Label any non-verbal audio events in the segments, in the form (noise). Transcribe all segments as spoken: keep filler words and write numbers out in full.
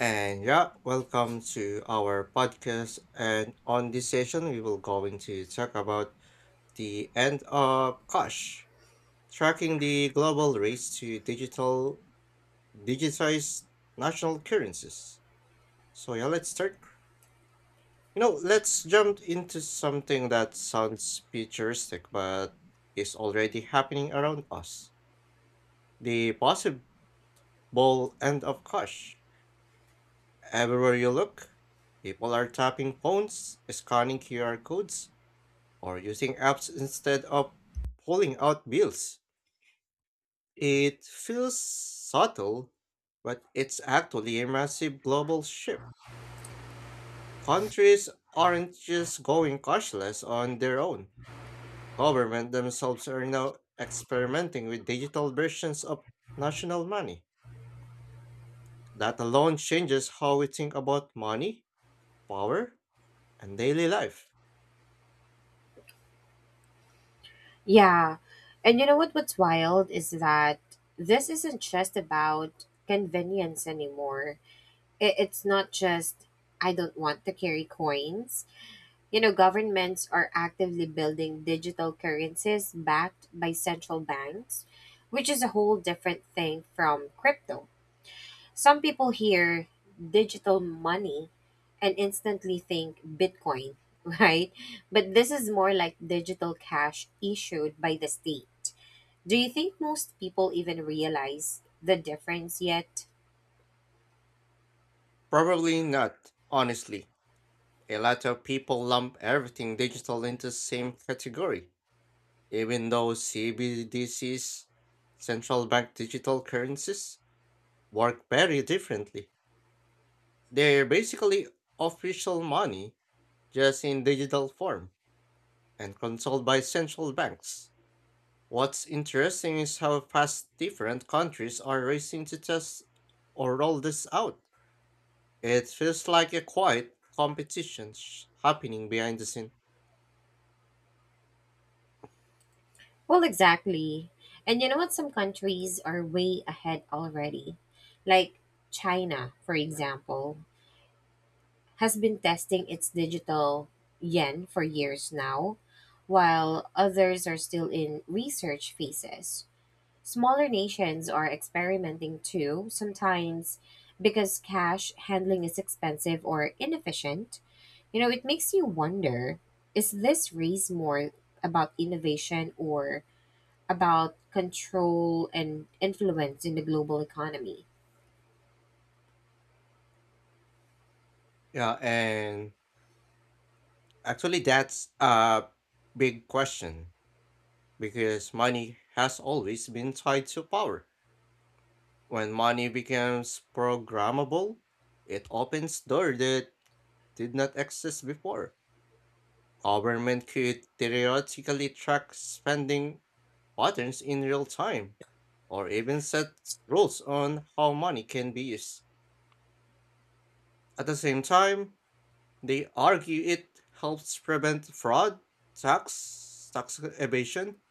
And yeah, welcome to our podcast. And on this session, we will going to talk about the end of cash, tracking the global race to digital digitized national currencies. So yeah, let's start. You know, let's jump into something that sounds futuristic but is already happening around us. The possible end of cash. Everywhere you look, people are tapping phones, scanning Q R codes, or using apps instead of pulling out bills. It feels subtle, but it's actually a massive global shift. Countries aren't just going cashless on their own. Governments themselves are now experimenting with digital versions of national money. That alone changes how we think about money, power, and daily life. Yeah. And you know what what's wild is that this isn't just about convenience anymore. It, it's not just I don't want to carry coins. You know, governments are actively building digital currencies backed by central banks, which is a whole different thing from crypto. Some people hear digital money and instantly think Bitcoin, (laughs) right? But this is more like digital cash issued by the state. Do you think most people even realize the difference yet? Probably not, honestly. A lot of people lump everything digital into the same category, even though C B D Cs, central bank digital currencies, work very differently. They're basically official money, just in digital form, and controlled by central banks. What's interesting is how fast different countries are racing to test or roll this out. It feels like a quiet competition sh- happening behind the scenes. Well, exactly. And you know what? Some countries are way ahead already. Like China, for example, has been testing its digital yen for years now, while others are still in research phases. Smaller nations are experimenting too, sometimes because cash handling is expensive or inefficient. You know, it makes you wonder, is this race more about innovation or about control and influence in the global economy? Yeah, and actually, that's a big question because money has always been tied to power. When money becomes programmable, it opens doors that did not exist before. Government could theoretically track spending patterns in real time, or even set rules on how money can be used. At the same time, they argue it helps prevent fraud, tax, tax evasion,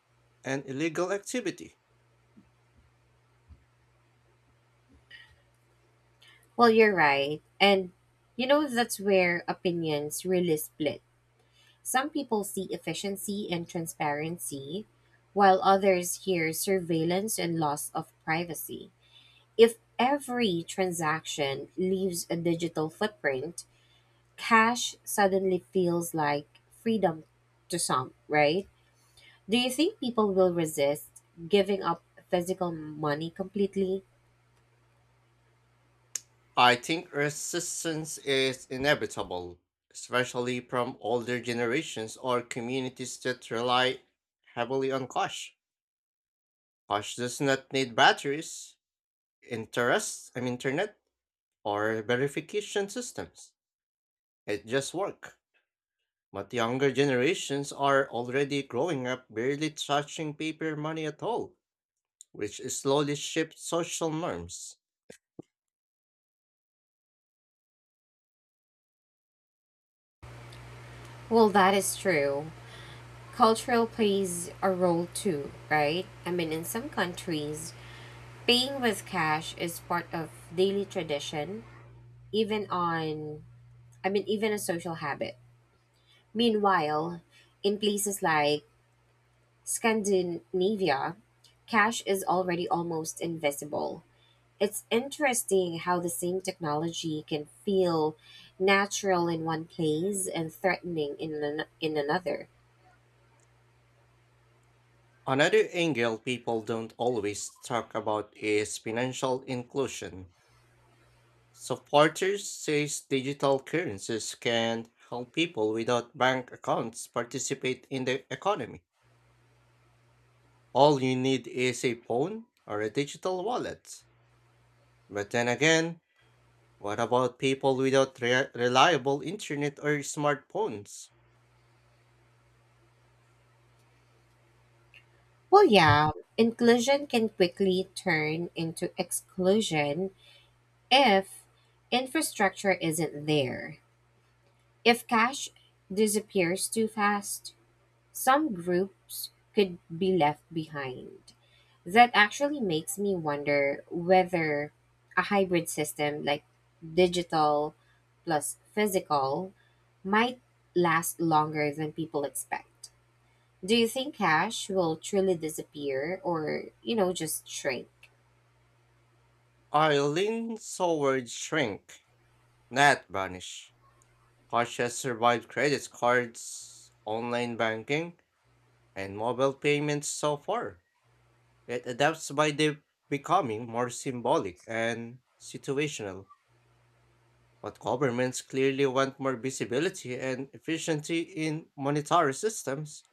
and illegal activity. Well, you're right. And, you know, that's where opinions really split. Some people see efficiency and transparency, while others hear surveillance and loss of privacy. If every transaction leaves a digital footprint, cash suddenly feels like freedom to some, right? Do you think people will resist giving up physical money completely? I think resistance is inevitable, especially from older generations or communities that rely heavily on cash. Cash does not need batteries, interest, I mean internet, or verification systems. It just works. But younger generations are already growing up barely touching paper money at all, which slowly shaped social norms. Well, that is true. Cultural plays a role too, right? I mean, in some countries, paying with cash is part of daily tradition, even on, I mean, even a social habit. Meanwhile, in places like Scandinavia, cash is already almost invisible. It's interesting how the same technology can feel natural in one place and threatening in an- in another. Another angle people don't always talk about is financial inclusion. Supporters says digital currencies can help people without bank accounts participate in the economy. All you need is a phone or a digital wallet. But then again, what about people without re- reliable internet or smartphones? Well, yeah, inclusion can quickly turn into exclusion if infrastructure isn't there. If cash disappears too fast, some groups could be left behind. That actually makes me wonder whether a hybrid system like digital plus physical might last longer than people expect. Do you think cash will truly disappear or, you know, just shrink? I lean towards shrink, not vanish. Cash has survived credit cards, online banking, and mobile payments so far. It adapts by de- becoming more symbolic and situational. But governments clearly want more visibility and efficiency in monetary systems.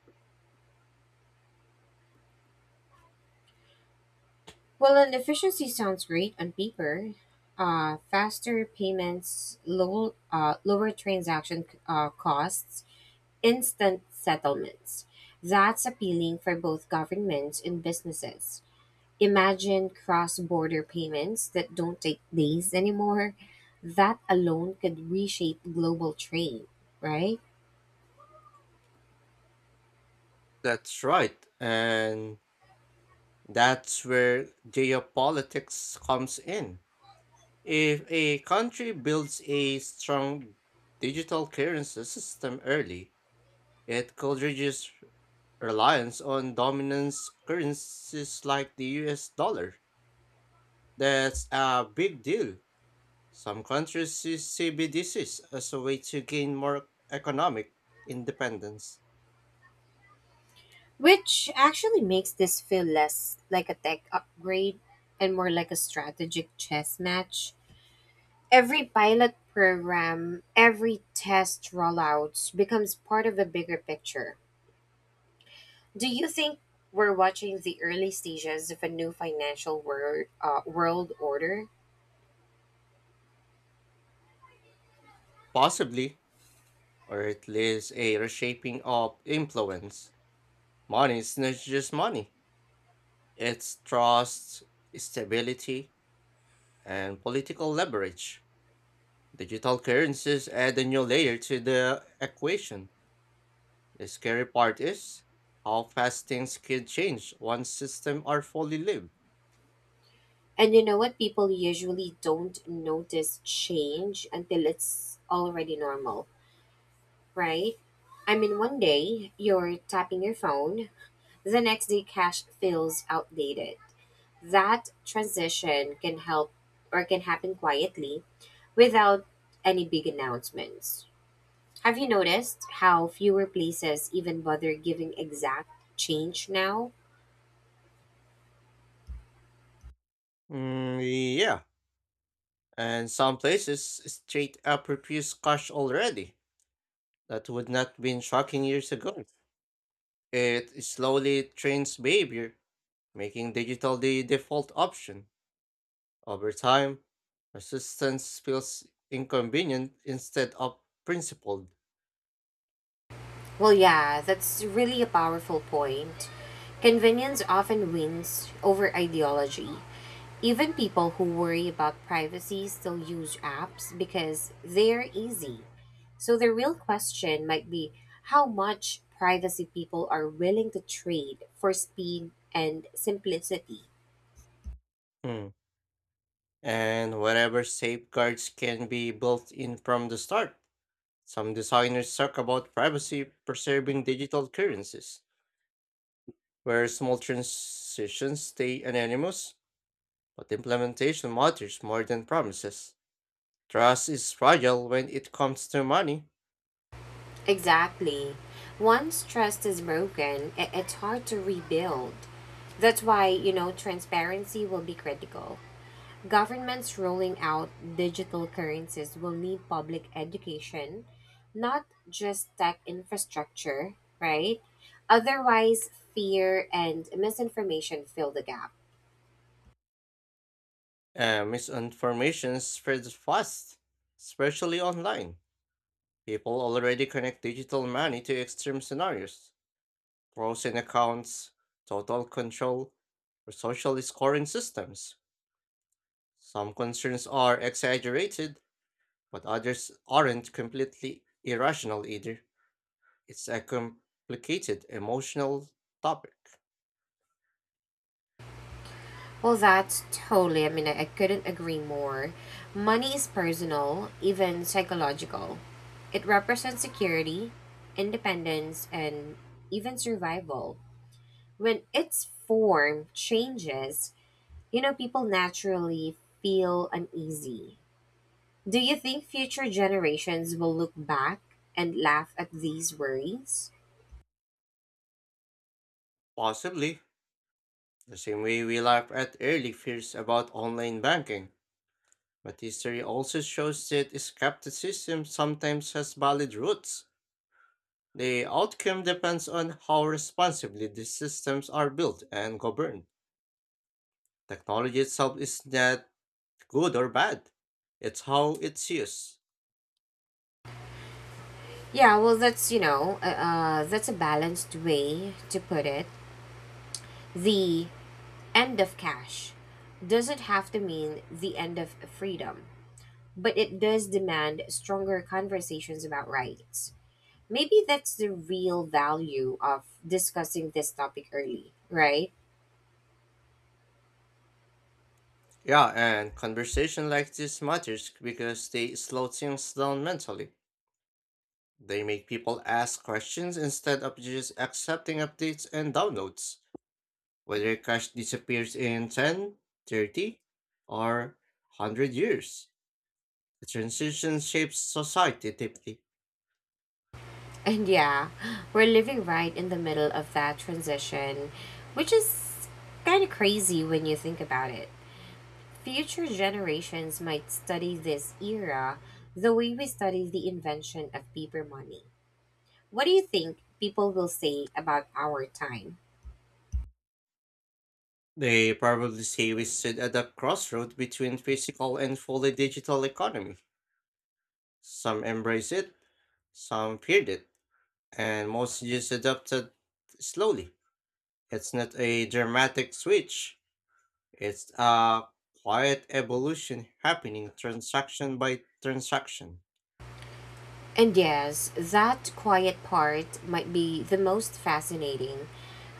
Well, an efficiency sounds great on paper. Uh, faster payments, low, uh, lower transaction uh, costs, instant settlements. That's appealing for both governments and businesses. Imagine cross-border payments that don't take days anymore. That alone could reshape global trade, right? That's right, and that's where geopolitics comes in. If a country builds a strong digital currency system early, it could reduce reliance on dominance currencies like the U S dollar. That's a big deal. Some countries see C B D Cs as a way to gain more economic independence, Which actually makes this feel less like a tech upgrade and more like a strategic chess match. Every pilot program, every test rollout becomes part of a bigger picture. Do you think we're watching the early stages of a new financial word, uh, world order? possibly, or at least a reshaping of influence. Money is not just money, it's trust, stability, and political leverage. Digital currencies add a new layer to the equation. The scary part is how fast things can change once systems are fully lived. And you know what? People usually don't notice change until it's already normal, right? I mean, one day you're tapping your phone, the next day cash feels outdated. That transition can help or can happen quietly without any big announcements. Have you noticed how fewer places even bother giving exact change now? Mm, yeah, and some places straight up refuse cash already. That would not been shocking years ago. It slowly trains behavior, making digital the default option. Over time, resistance feels inconvenient instead of principled. Well, yeah, that's really a powerful point. Convenience often wins over ideology. Even people who worry about privacy still use apps because they're easy. So the real question might be how much privacy people are willing to trade for speed and simplicity. Mm. And whatever safeguards can be built in from the start. Some designers talk about privacy preserving digital currencies, where small transitions stay anonymous, but implementation matters more than promises. Trust is fragile when it comes to money, Exactly. Once trust is broken, i- it's hard to rebuild. That's why, you know, transparency will be critical. Governments rolling out digital currencies will need public education, not just tech infrastructure, right? Otherwise, fear and misinformation fill the gap. and misinformation spreads fast, especially online. People already connect digital money to extreme scenarios, frozen accounts, total control, or social scoring systems. Some concerns are exaggerated, but others aren't completely irrational either. It's a complicated emotional topic. Well, that's totally, I mean, I, I couldn't agree more. Money is personal, even psychological. It represents security, independence, and even survival. When its form changes, you know, people naturally feel uneasy. Do you think future generations will look back and laugh at these worries? Possibly, the same way we laugh at early fears about online banking, but history also shows that skepticism sometimes has valid roots. The outcome depends on how responsibly these systems are built and governed. Technology itself is not good or bad, it's how it's used. Yeah, well, that's, you know, uh, uh, that's a balanced way to put it. The end of cash doesn't have to mean the end of freedom, but it does demand stronger conversations about rights. Maybe that's the real value of discussing this topic early, right? Yeah, and conversation like this matters because they slow things down mentally. They make people ask questions instead of just accepting updates and downloads. Whether a cache disappears in ten, thirty, or one hundred years, the transition shapes society deeply. And yeah, we're living right in the middle of that transition, which is kind of crazy when you think about it. Future generations might study this era the way we study the invention of paper money. What do you think people will say about our time? They probably say we sit at a crossroad between physical and fully digital economy. Some embrace it, some feared it, and most just adapted slowly. It's not a dramatic switch. It's a quiet evolution happening transaction by transaction. And yes, that quiet part might be the most fascinating.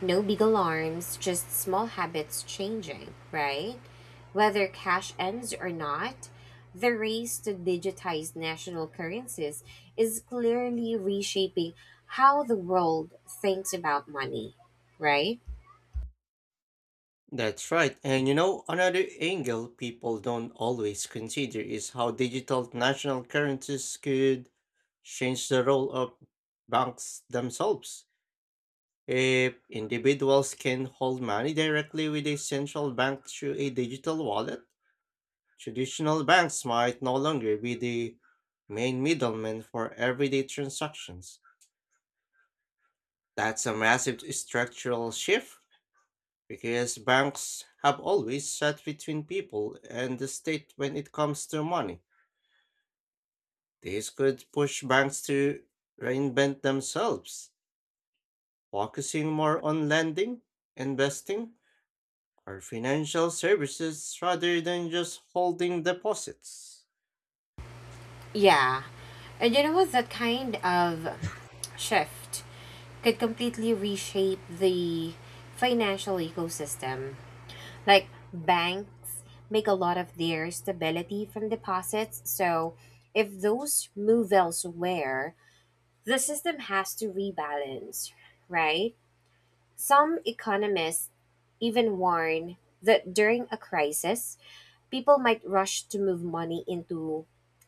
No big alarms, just small habits changing, right? Whether cash ends or not, the race to digitize national currencies is clearly reshaping how the world thinks about money, right? That's right. And you know, another angle people don't always consider is how digital national currencies could change the role of banks themselves. If individuals can hold money directly with a central bank through a digital wallet, traditional banks might no longer be the main middlemen for everyday transactions. That's a massive structural shift because banks have always sat between people and the state when it comes to money. This could push banks to reinvent themselves, focusing more on lending, investing, or financial services rather than just holding deposits. Yeah. And you know what? That kind of shift could completely reshape the financial ecosystem. Like banks make a lot of their stability from deposits. So if those move elsewhere, the system has to rebalance, right? Some economists even warn that during a crisis, people might rush to move money into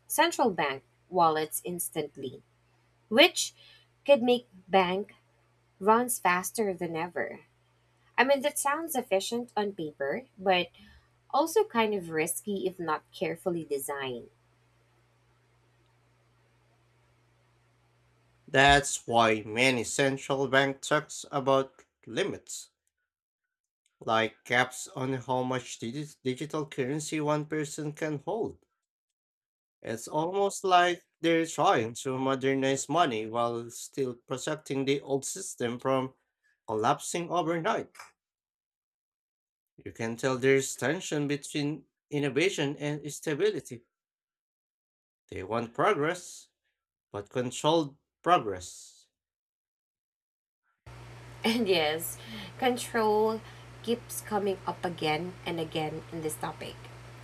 central bank wallets instantly, which could make bank runs faster than ever. I mean, that sounds efficient on paper, but also kind of risky if not carefully designed. That's why many central bank talks about limits, like caps on how much digi- digital currency one person can hold. It's almost like they're trying to modernize money while still protecting the old system from collapsing overnight. You can tell there's tension between innovation and stability. They want progress, but controlled progress. (laughs) And yes, control keeps coming up again and again in this topic.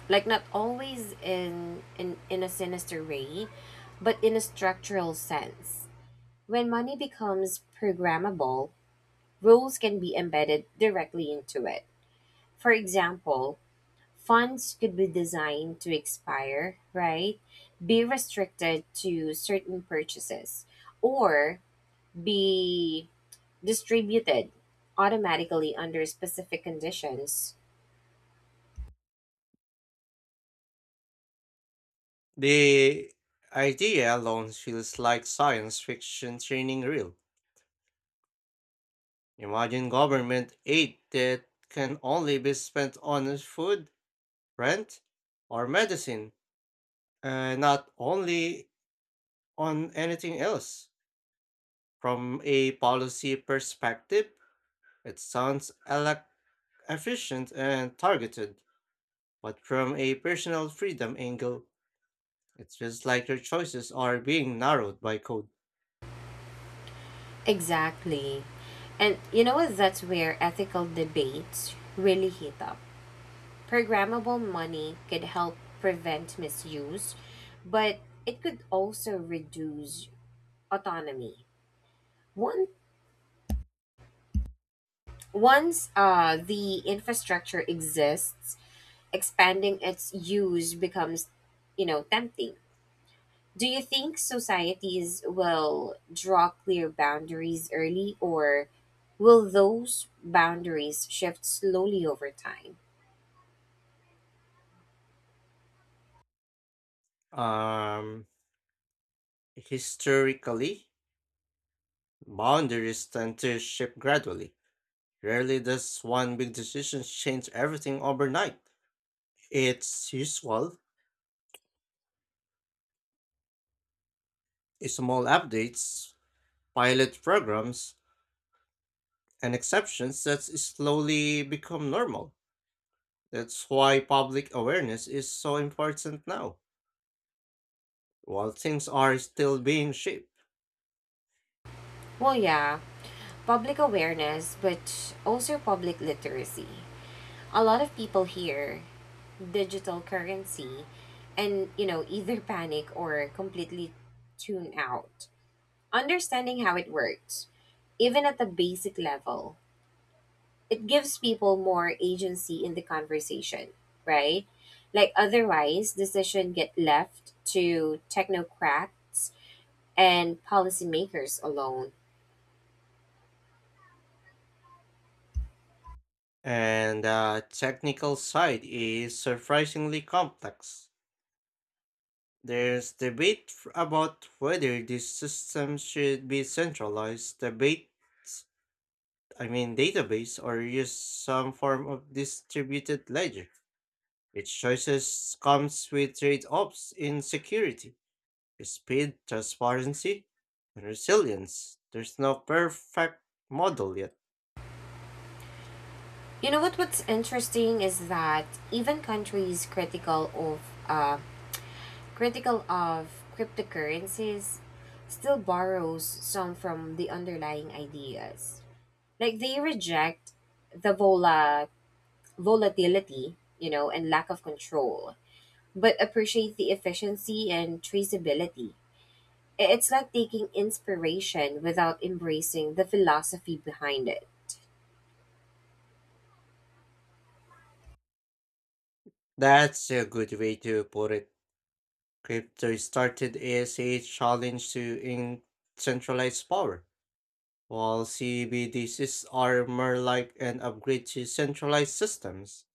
Like not always in in, in a sinister way, but in a structural sense. When money becomes programmable, rules can be embedded directly into it. For example, funds could be designed to expire, right? Be restricted to certain purchases or be distributed automatically under specific conditions. The idea alone feels like science fiction training reel. Imagine government aid that can only be spent on food, rent, or medicine, and not only on anything else. From a policy perspective, it sounds elec- efficient and targeted, but from a personal freedom angle, it feels like your choices are being narrowed by code. Exactly. And you know what? That's where ethical debates really heat up. Programmable money could help prevent misuse, but it could also reduce autonomy. One, once uh, the infrastructure exists, expanding its use becomes, you know, tempting. Do you think societies will draw clear boundaries early, or will those boundaries shift slowly over time? Um, Historically, boundaries tend to shift gradually. Rarely does one big decision change everything overnight. It's usual small updates, pilot programs, and exceptions that slowly become normal. That's why public awareness is so important now. While things are still being shaped, Well, yeah, public awareness, but also public literacy. A lot of people hear digital currency and, you know, (laughs) either panic or completely tune out. Understanding how it works, even at the basic level, it gives people more agency in the conversation, right? Like otherwise, decisions get left to technocrats and policymakers alone. and the technical side is surprisingly complex. There's debate f- about whether this system should be centralized debate I mean database or use some form of distributed ledger. Its choices comes with trade-offs in security, speed, transparency, and resilience. There's no perfect model yet. You know what? What's interesting is that even countries critical of uh, critical of cryptocurrencies still borrows some from the underlying ideas. Like they reject the vola- volatility, you know, and lack of control, but appreciate the efficiency and traceability. I- It's like taking inspiration without embracing the philosophy behind it. That's a good way to put it. Crypto started as a challenge to in centralized power. While C B D Cs are more like an upgrade to centralized systems,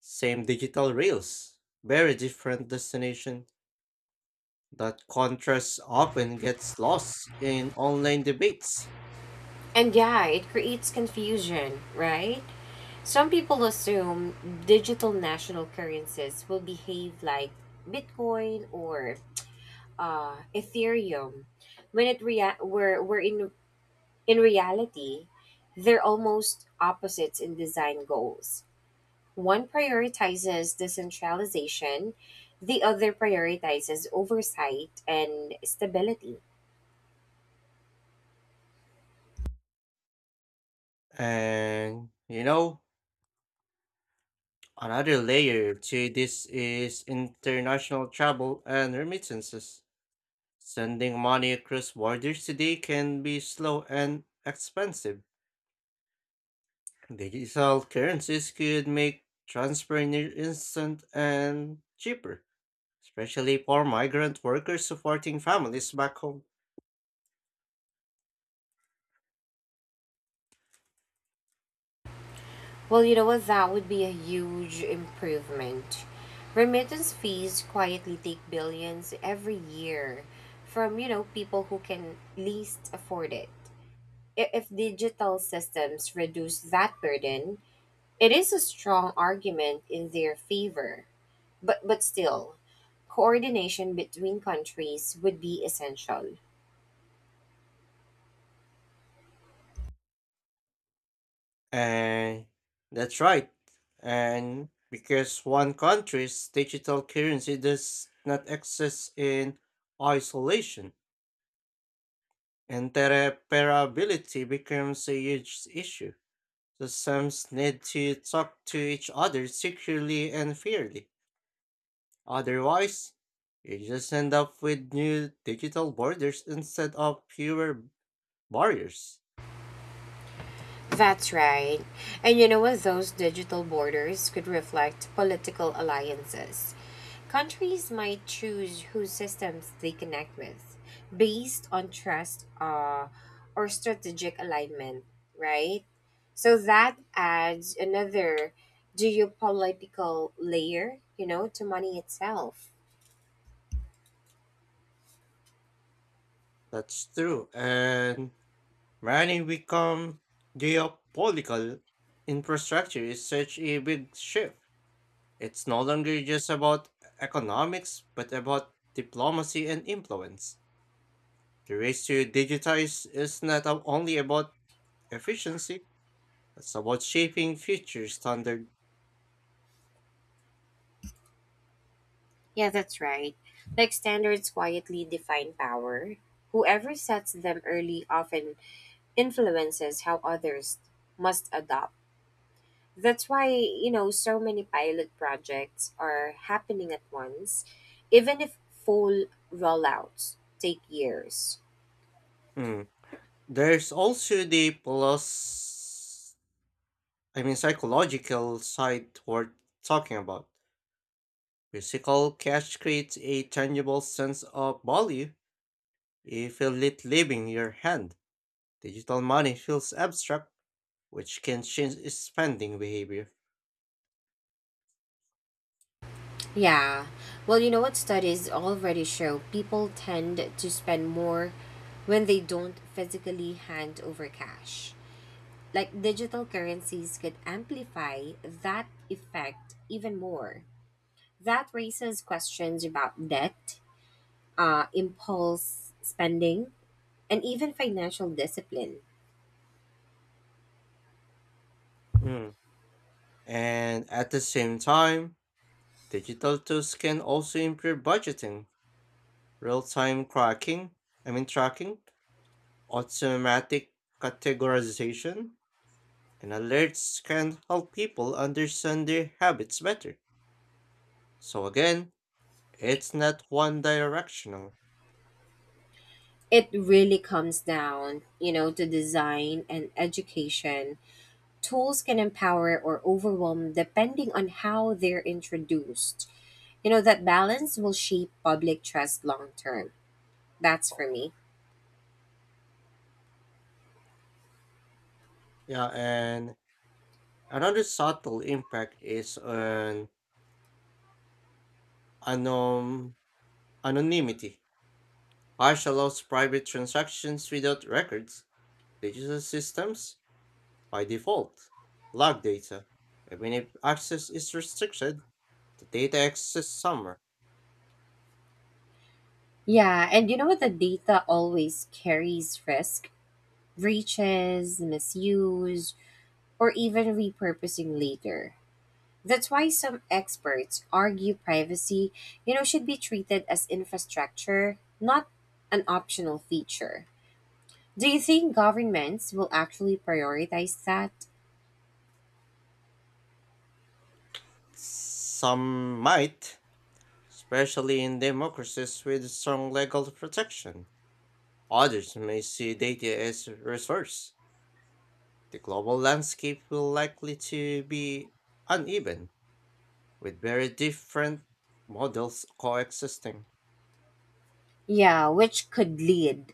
same digital rails, very different destination. That contrast often gets lost in online debates. And yeah, it creates confusion, right? Some people assume digital national currencies will behave like Bitcoin or uh, Ethereum, when it rea- were, were in in reality, they're almost opposites in design goals. One prioritizes decentralization, the other prioritizes oversight and stability. And you know, another layer to this is international travel and remittances. Sending money across borders today can be slow and expensive. Digital currencies could make transfer near instant and cheaper, especially for migrant workers supporting families back home. Well, you know what? That would be a huge improvement. Remittance fees quietly take billions every year from, you know, people who can least afford it. I- If digital systems reduce that burden, it is a strong argument in their favor. But but still, coordination between countries would be essential. And that's right. And because one country's digital currency does not exist in isolation, interoperability becomes a huge issue. Systems need to talk to each other securely and fairly. Otherwise, you just end up with new digital borders instead of fewer barriers. That's right. And you know what? Those digital borders could reflect political alliances. Countries might choose whose systems they connect with based on trust uh, or strategic alignment, right? So that adds another geopolitical layer, you know, to money itself. That's true. And many become geopolitical infrastructure is such a big shift. It's no longer just about economics, but about diplomacy and influence. The race to digitize is not only about efficiency, it's about shaping future standards. Yeah, that's right. Like standards quietly define power. Whoever sets them early often influences how others must adopt. That's why, you know, so many pilot projects are happening at once, even if full rollouts take years. There's also the plus, I mean, psychological side worth talking about. Physical cash creates a tangible sense of value if you let live in your hand. Digital money feels abstract, which can change its spending behavior. Yeah. Well, you know what studies already show? People tend to spend more when they don't physically hand over cash. Like digital currencies could amplify that effect even more. That raises questions about debt, uh, impulse spending, and even financial discipline. Mm. And at the same time, digital tools can also improve budgeting, real-time tracking, I mean tracking, automatic categorization, and alerts can help people understand their habits better. So again, it's not one directional. It really comes down, you know, to design and education. Tools can empower or overwhelm depending on how they're introduced. You know, that balance will shape public trust long term. That's for me. Yeah, and another subtle impact is on anom- anonymity. Hash allows private transactions without records. Digital systems, by default, log data. Even if access is restricted, the data access summer. Yeah, and you know what? The data always carries risk, breaches, misuse, or even repurposing later. That's why some experts argue privacy, you know, should be treated as infrastructure, not an optional feature. Do you think governments will actually prioritize that? Some might especially in democracies with strong legal protection. Others may see data as a resource. The global landscape will likely to be uneven, with very different models coexisting. Yeah, which could lead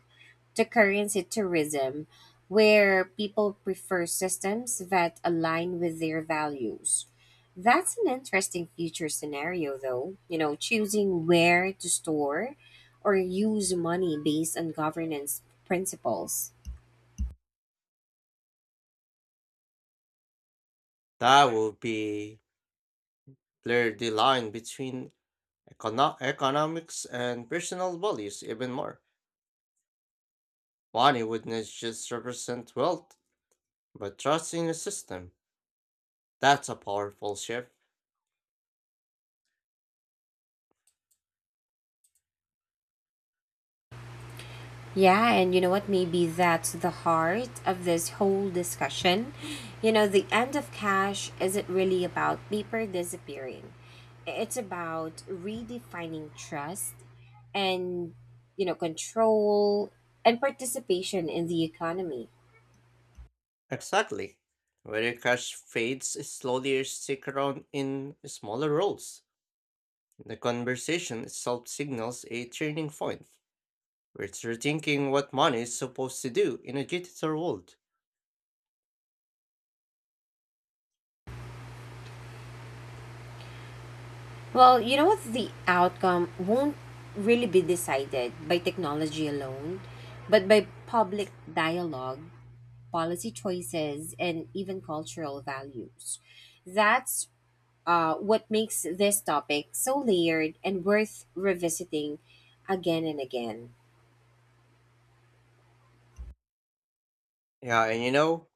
to currency tourism, where people prefer systems that align with their values. That's an interesting future scenario, though. You know, choosing where to store or use money based on governance principles. That will be blur the line between econo- economics and personal values even more. Money would not just represent wealth, but trust in the system. That's a powerful shift. Yeah, and you know what? Maybe that's the heart of this whole discussion. You know, the end of cash isn't really about paper disappearing, it's about redefining trust and, you know, control and participation in the economy. Exactly. Where cash fades slowly stick around in smaller roles. The conversation itself signals a turning point. We're rethinking what money is supposed to do in a digital world. Well, you know what? The outcome won't really be decided by technology alone, but by public dialogue, policy choices, and even cultural values. That's uh, what makes this topic so layered and worth revisiting again and again. Yeah, and you know,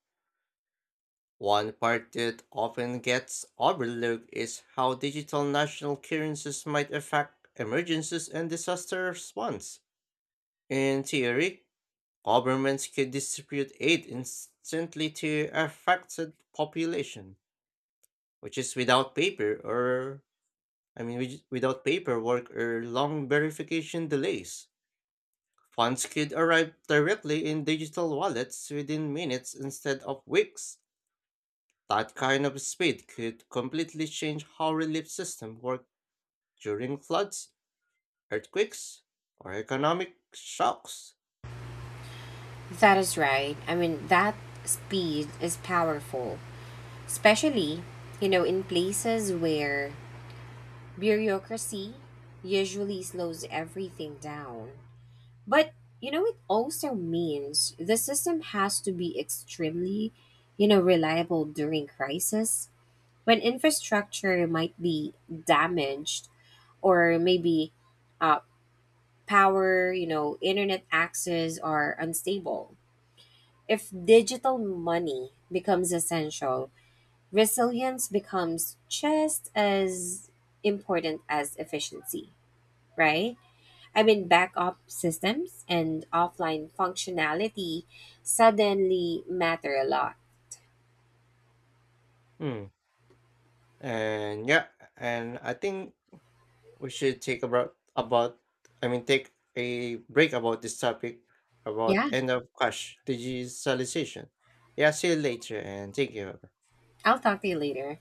one part that often gets overlooked is how digital national currencies might affect emergencies and disaster response. In theory, governments could distribute aid instantly to affected population, which is without paper or I mean with- without paperwork or long verification delays. Funds could arrive directly in digital wallets within minutes instead of weeks. That kind of speed could completely change how relief systems work during floods, earthquakes, or economic shocks. That is right. I mean, that speed is powerful, especially, you know, in places where bureaucracy usually slows everything down. But, you know, it also means the system has to be extremely, you know, reliable during crisis. When infrastructure might be damaged or maybe uh, power, you know, internet access are unstable. If digital money becomes essential, resilience becomes just as important as efficiency, right? I mean, backup systems and offline functionality suddenly matter a lot. Hmm. And yeah, and I think we should take about about I mean take a break about this topic about Yeah, end of cash digitalization. Yeah, see you later and thank you. I'll talk to you later.